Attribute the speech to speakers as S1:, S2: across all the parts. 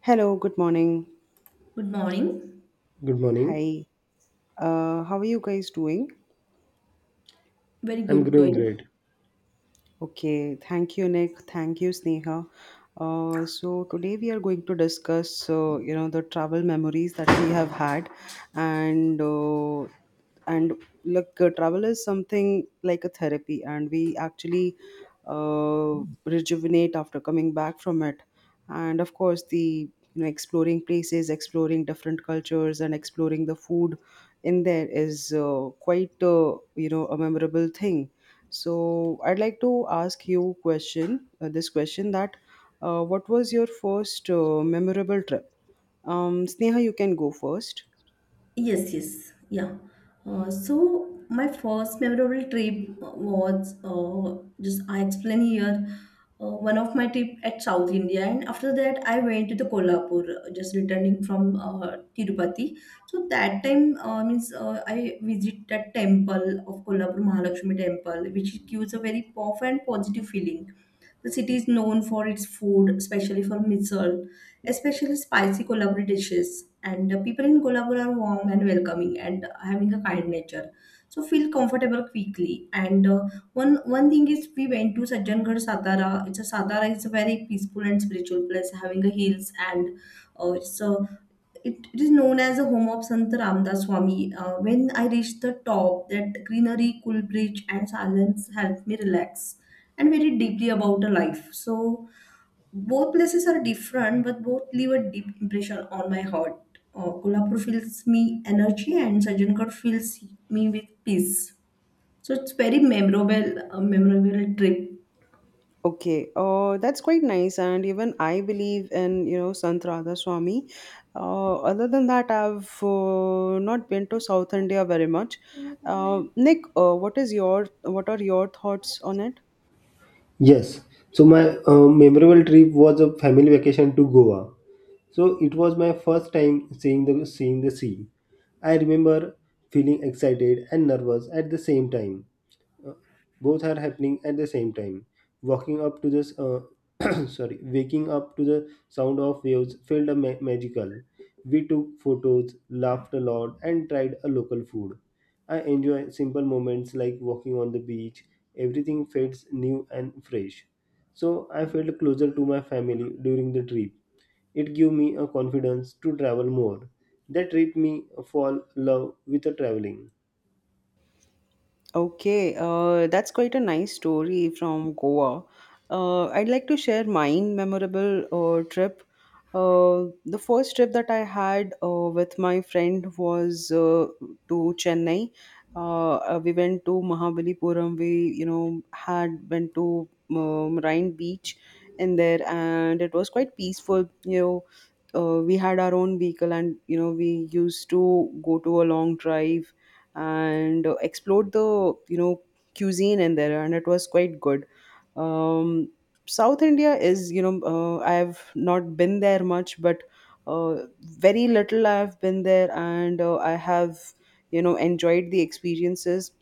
S1: Hello, good morning.
S2: Good morning.
S3: Good morning.
S1: Hi. How are you guys doing?
S2: Very
S3: I'm
S2: good
S3: doing
S2: going.
S3: great.
S1: Okay, thank you, Nick. Thank you, Sneha. So today we are going to discuss, the travel memories that we have had, and uh, and look, travel is something like a therapy, and we actually uh, rejuvenate after coming back from it. And of course, the you know exploring places, exploring different cultures, and exploring the food in there is quite a memorable thing, so I'd like to ask you question, this question that what was your first memorable trip? Sneha, you can go first.
S2: Yes, yes, yeah. So my first memorable trip was just I explain here one of my trip at South India, and after that I went to the Kolhapur, just returning from Tirupati. So that time means I visit that temple of Kolhapur Mahalakshmi temple, which gives a very powerful and positive feeling. The city is known for its food, especially for misal, especially spicy Kolhapuri dishes. And the people in Kolhapur are warm and welcoming and having a kind nature. So feel comfortable quickly. And one thing is we went to Sajjangarh Satara. It's a Satara is a very peaceful and spiritual place, having a hills and it's a it is known as the home of Sant Ramdas Swami. When I reached the top, that greenery, cool bridge, and silence helped me relax and very deeply about the life. So both places are different, but both leave a deep impression on my heart. Kolhapur fills me energy, and Sajangarh fills me with peace. So it's very memorable, memorable trip.
S1: Okay, that's quite nice, and even I believe in Sant Radha Swami. Other than that, I've not been to South India very much. Nick, what are your thoughts on it?
S3: Yes. So my memorable trip was a family vacation to Goa. So it was my first time seeing the sea. I remember feeling excited and nervous at the same time. Uh, both are happening at the same time. Walking up to this, sorry, waking up to the sound of waves felt a magical. We took photos, laughed a lot, and tried a local food. I enjoy simple moments like walking on the beach. Everything feels new and fresh. So I felt closer to my family during the trip, it gave me a confidence to travel more. That trip me fall love with a traveling.
S1: Okay, that's quite a nice story from Goa. I'd like to share mine memorable trip. The first trip that I had with my friend was to Chennai. We went to Mahabalipuram. We, you know, had went to Rhine Beach in there, and it was quite peaceful. You know, we had our own vehicle, and you know, we used to go to a long drive and explored the cuisine in there, and it was quite good. um, South India is, you know, I have not been there much, but uh, very little I have been there, and I have, you know, enjoyed the experiences.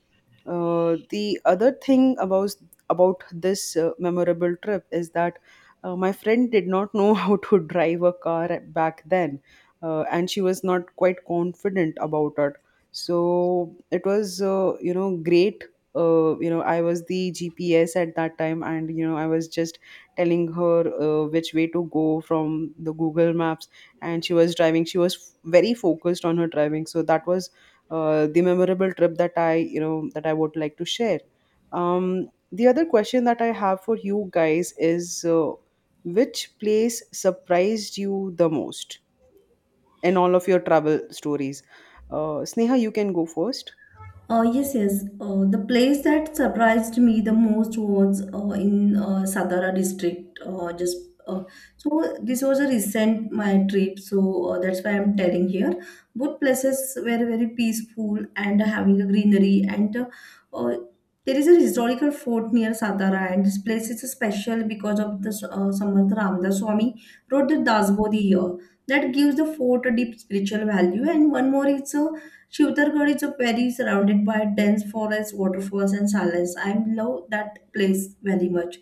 S1: The other thing about this memorable trip is that my friend did not know how to drive a car back then, and she was not quite confident about it, so it was, you know, great. You know, I was the GPS at that time, and you know, I was just telling her which way to go from the Google Maps, and she was driving. Very focused on her driving, so that was the memorable trip that I, you know, that I would like to share. The other question that I have for you guys is which place surprised you the most in all of your travel stories. Sneha, you can go first.
S2: Yes, yes. The place that surprised me the most was in Satara district. Just uh, so this was a recent my trip, so that's why I'm telling here. Both places were very peaceful and having a greenery, and uh, there is a historical fort near Satara, and this place is special because of the Samarth Ramdas Swami wrote the Dasbodhi here. That gives the fort a deep spiritual value, and one more is. Shivtargarh is a valley surrounded by dense forests, waterfalls, and silence. I love that place very much.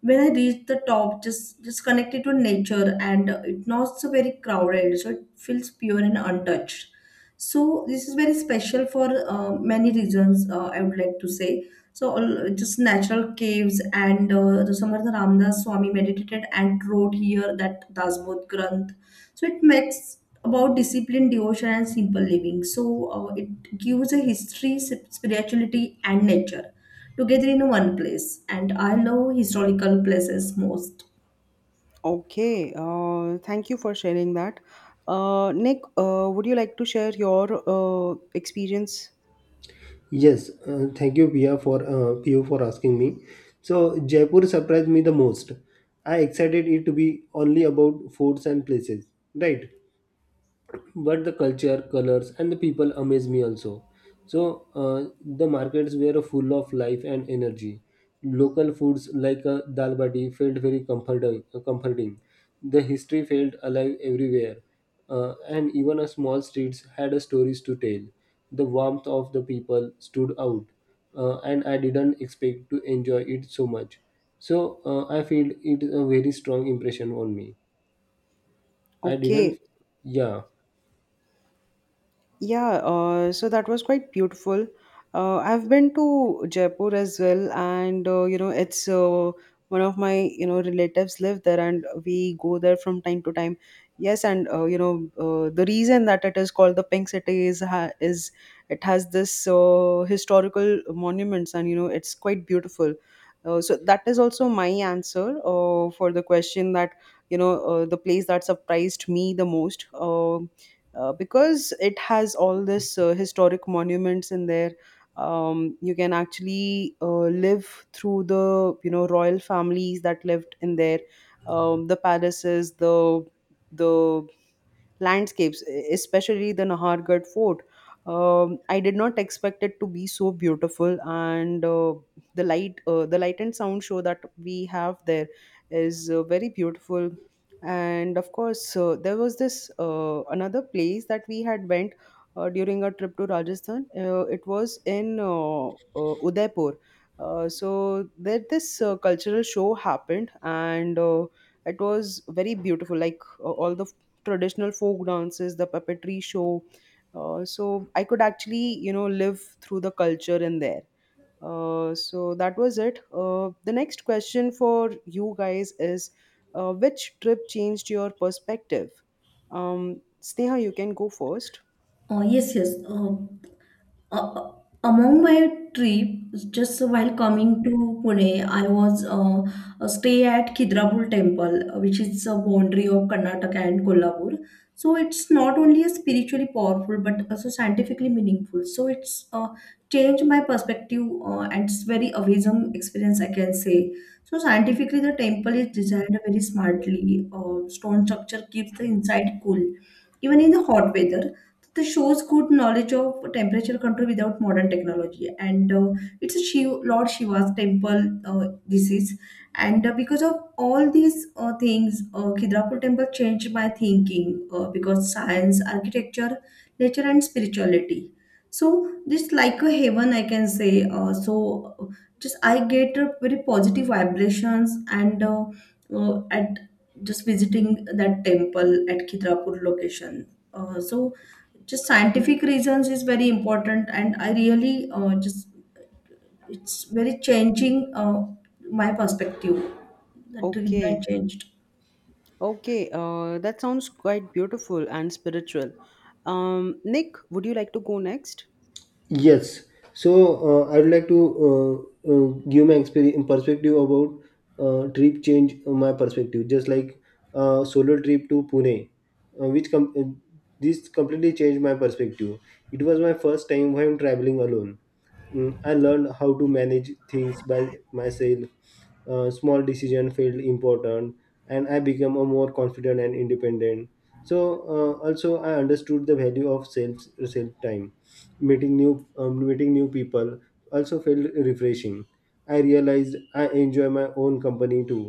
S2: When I reach the top, just connected to nature, and it's not so very crowded, so it feels pure and untouched. So this is very special for many reasons. I would like to say so all, just natural caves and the Samartha Ramdas Swami meditated and wrote here that Dasbodh Granth. So it makes about discipline, devotion, and simple living. So it gives a history, spirituality, and nature together in one place. And I love historical places most.
S1: Okay, thank you for sharing that. Nick, would you like to share your experience?
S3: Yes, thank you, Pia, for Pio, for asking me. So Jaipur surprised me the most. I excited it to be only about foods and places, right? But the culture colors and the people amaze me also. So the markets were full of life and energy. Local foods like dal bati felt very comforting comforting. The history felt alive everywhere. And even a small streets had a stories to tell. The warmth of the people stood out, and I didn't expect to enjoy it so much. So I feel it a very strong impression on me. I
S1: Okay.
S3: didn't. Yeah.
S1: Yeah, so that was quite beautiful. I've been to Jaipur as well, and you know, it's one of my, you know, relatives live there, and we go there from time to time. Yes, and you know, the reason that it is called the Pink City is it has this historical monuments, and you know, it's quite beautiful. So that is also my answer for the question that, you know, the place that surprised me the most. Because it has all this historic monuments in there. You can actually live through the, you know, royal families that lived in there. The palaces, the landscapes, especially the Nahargarh Fort. I did not expect it to be so beautiful, and the light and sound show that we have there is very beautiful. And of course, there was this another place that we had went during our trip to Rajasthan. It was in Udaipur. So there this cultural show happened, and it was very beautiful, like all the traditional folk dances, the puppetry show. So I could actually, you know, live through the culture in there. So that was it. The next question for you guys is which trip changed your perspective? Sneha, you can go first.
S2: Yes, yes. Uh, among my trip, just while coming to Pune, I was a stay at Khidrapur Temple, which is a boundary of Karnataka and Kolhapur. So it's not only a spiritually powerful but also scientifically meaningful. So it's changed my perspective and it's very amazing experience I can say. So scientifically, the temple is designed very smartly. Stone structure keeps the inside cool, even in the hot weather the shows good knowledge of temperature control without modern technology and it's a Shiv, lord shiva's temple this is and because of all these things khidrapur temple changed my thinking because science architecture nature and spirituality, so this like a heaven I can say. Uh, so uh, just I get very positive vibrations and at just visiting that temple at khidrapur location. So just scientific reasons is very important and I really just it's very changing my perspective that,
S1: Okay.
S2: that changed.
S1: Okay. That sounds quite beautiful and spiritual. Nick, would you like to go next?
S3: Yes. So I would like to give my experience perspective about trip change. My perspective, just like solo trip to Pune, uh, which com- uh, this completely changed my perspective. It was my first time when traveling alone. I learned how to manage things by myself. Small decision felt important, and I became a more confident and independent. So also I understood the value of self time, meeting new people, also felt refreshing. I realized I enjoy my own company too.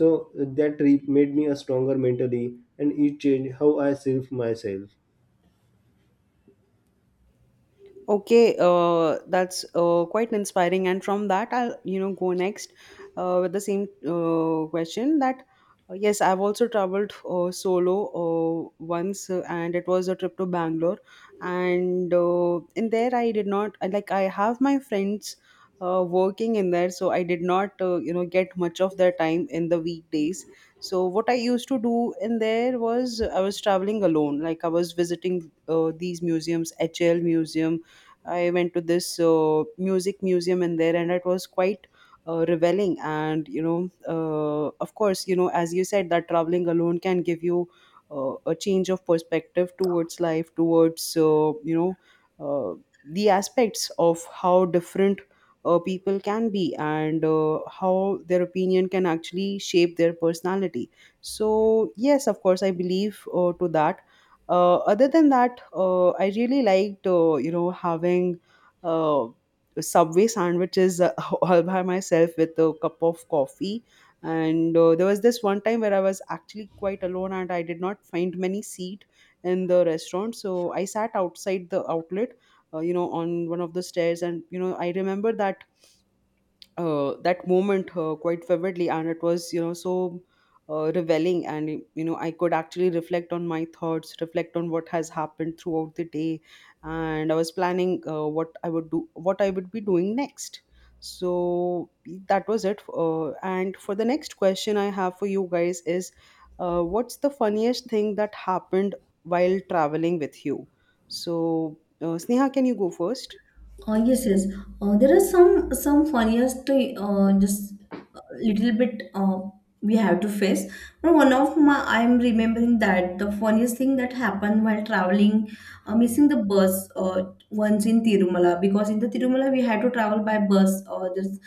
S3: So that trip made me a stronger mentally, and it changed how I serve myself.
S1: Okay, that's quite inspiring. And from that, I'll, you know, go next with the same question. That yes, I've also traveled solo once, and it was a trip to Bangalore. And in there, I did not like I have my friends working in there, so I did not, you know, get much of their time in the weekdays. So what I used to do in there was I was traveling alone, like I was visiting these museums, HL Museum. I went to this music museum in there, and it was quite revealing. And you know, of course, you know, as you said, that traveling alone can give you a change of perspective towards life, towards, you know, uh, the aspects of how different people can be, and how their opinion can actually shape their personality. So yes, of course, I believe to that. Other than that, I really liked, you know, having uh, Subway sandwiches all by myself with a cup of coffee. And there was this one time where I was actually quite alone, and I did not find many seat in the restaurant, so I sat outside the outlet. You know, on one of the stairs, and you know, I remember that that moment quite vividly, and it was, you know, so revealing, and you know, I could actually reflect on my thoughts, reflect on what has happened throughout the day, and I was planning what I would do, what I would be doing next. So that was it. And for the next question I have for you guys is what's the funniest thing that happened while traveling with you? So Sneha, can you go first?
S2: Yes yes. There are some funniest just little bit we have to face, but one of my I'm remembering that the funniest thing that happened while traveling, missing the bus once in tirumala, because in the tirumala we had to travel by bus or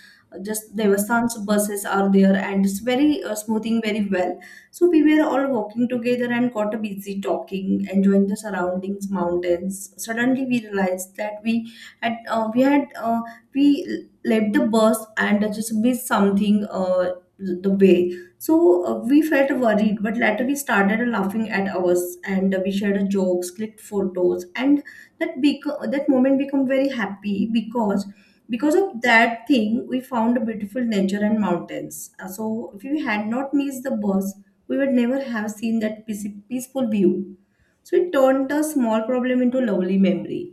S2: just devasthan's buses are there and it's very smoothing very well. So we were all walking together and got a busy talking enjoying the surroundings mountains, suddenly we realized that had uh, we had uh, we let the bus and just be something the way. So we felt worried, but later we started laughing at ours and we shared jokes, clicked photos, and that moment become very happy, because of that thing we found a beautiful nature and mountains. So if we had not missed the bus, we would never have seen that peaceful view. So it turned a small problem into a lovely memory.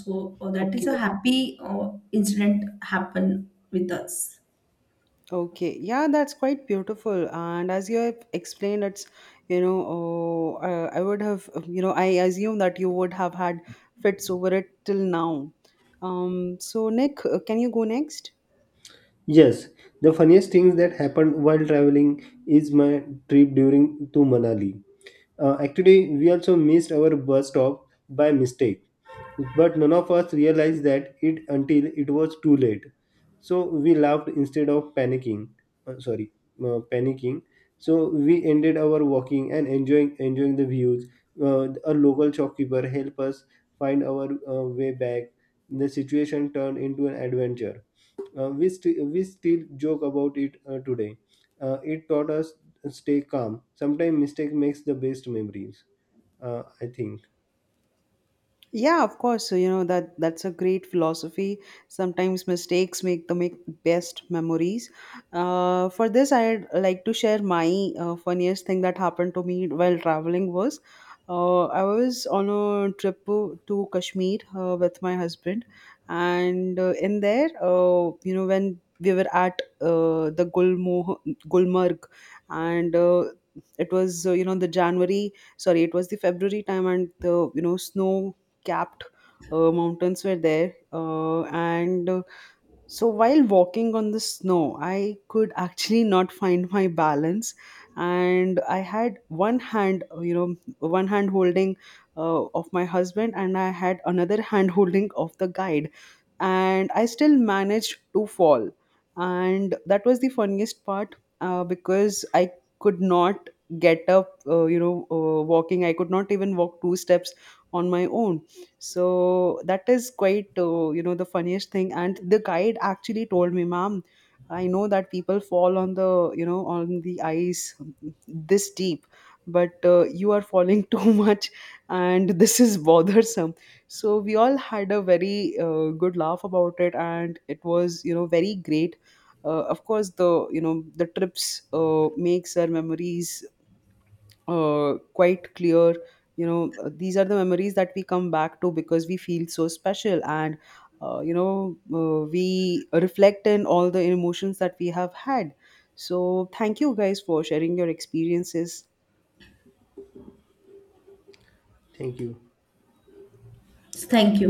S2: So that is
S1: Okay.
S2: a happy incident happen with us.
S1: Okay, yeah, that's quite beautiful. And as you have explained, it's, you know, oh, I would have, you know, I assume that you would have had fits over it till now. So Nick, can you go next?
S3: Yes, the funniest things that happened while traveling is my trip during to Manali. Actually, we also missed our bus stop by mistake, but none of us realized that it until it was too late. So we laughed instead of panicking. Uh, sorry, panicking. So we ended our walking and enjoying the views. A local shopkeeper helped us find our way back. The situation turned into an adventure. We still joke about it today. It taught us stay calm. Sometimes mistake makes the best memories. I think.
S1: Yeah, of course. So, you know, that that's a great philosophy. Sometimes mistakes make the make best memories. For this, I'd like to share my funniest thing that happened to me while traveling was, I was on a trip to Kashmir with my husband, and in there, you know, when we were at the Gulmo Gulmarg, and it was, you know, the January, sorry, it was the February time, and the, you know, snow capped mountains were there. And So while walking on the snow, I could actually not find my balance, and I had one hand, you know, one hand holding of my husband, and I had another hand holding of the guide, and I still managed to fall, and that was the funniest part, because I could not get up. You know, walking, I could not even walk two steps on my own. So that is quite, you know, the funniest thing. And the guide actually told me, ma'am, I know that people fall on the, you know, on the ice this deep, but you are falling too much, and this is bothersome. So we all had a very good laugh about it, and it was, you know, very great. Of course, the, you know, the trips makes our memories quite clear. You know, these are the memories that we come back to because we feel so special, and you know, we reflect in all the emotions that we have had. So thank you guys for sharing your experiences.
S3: Thank you.
S2: Thank you.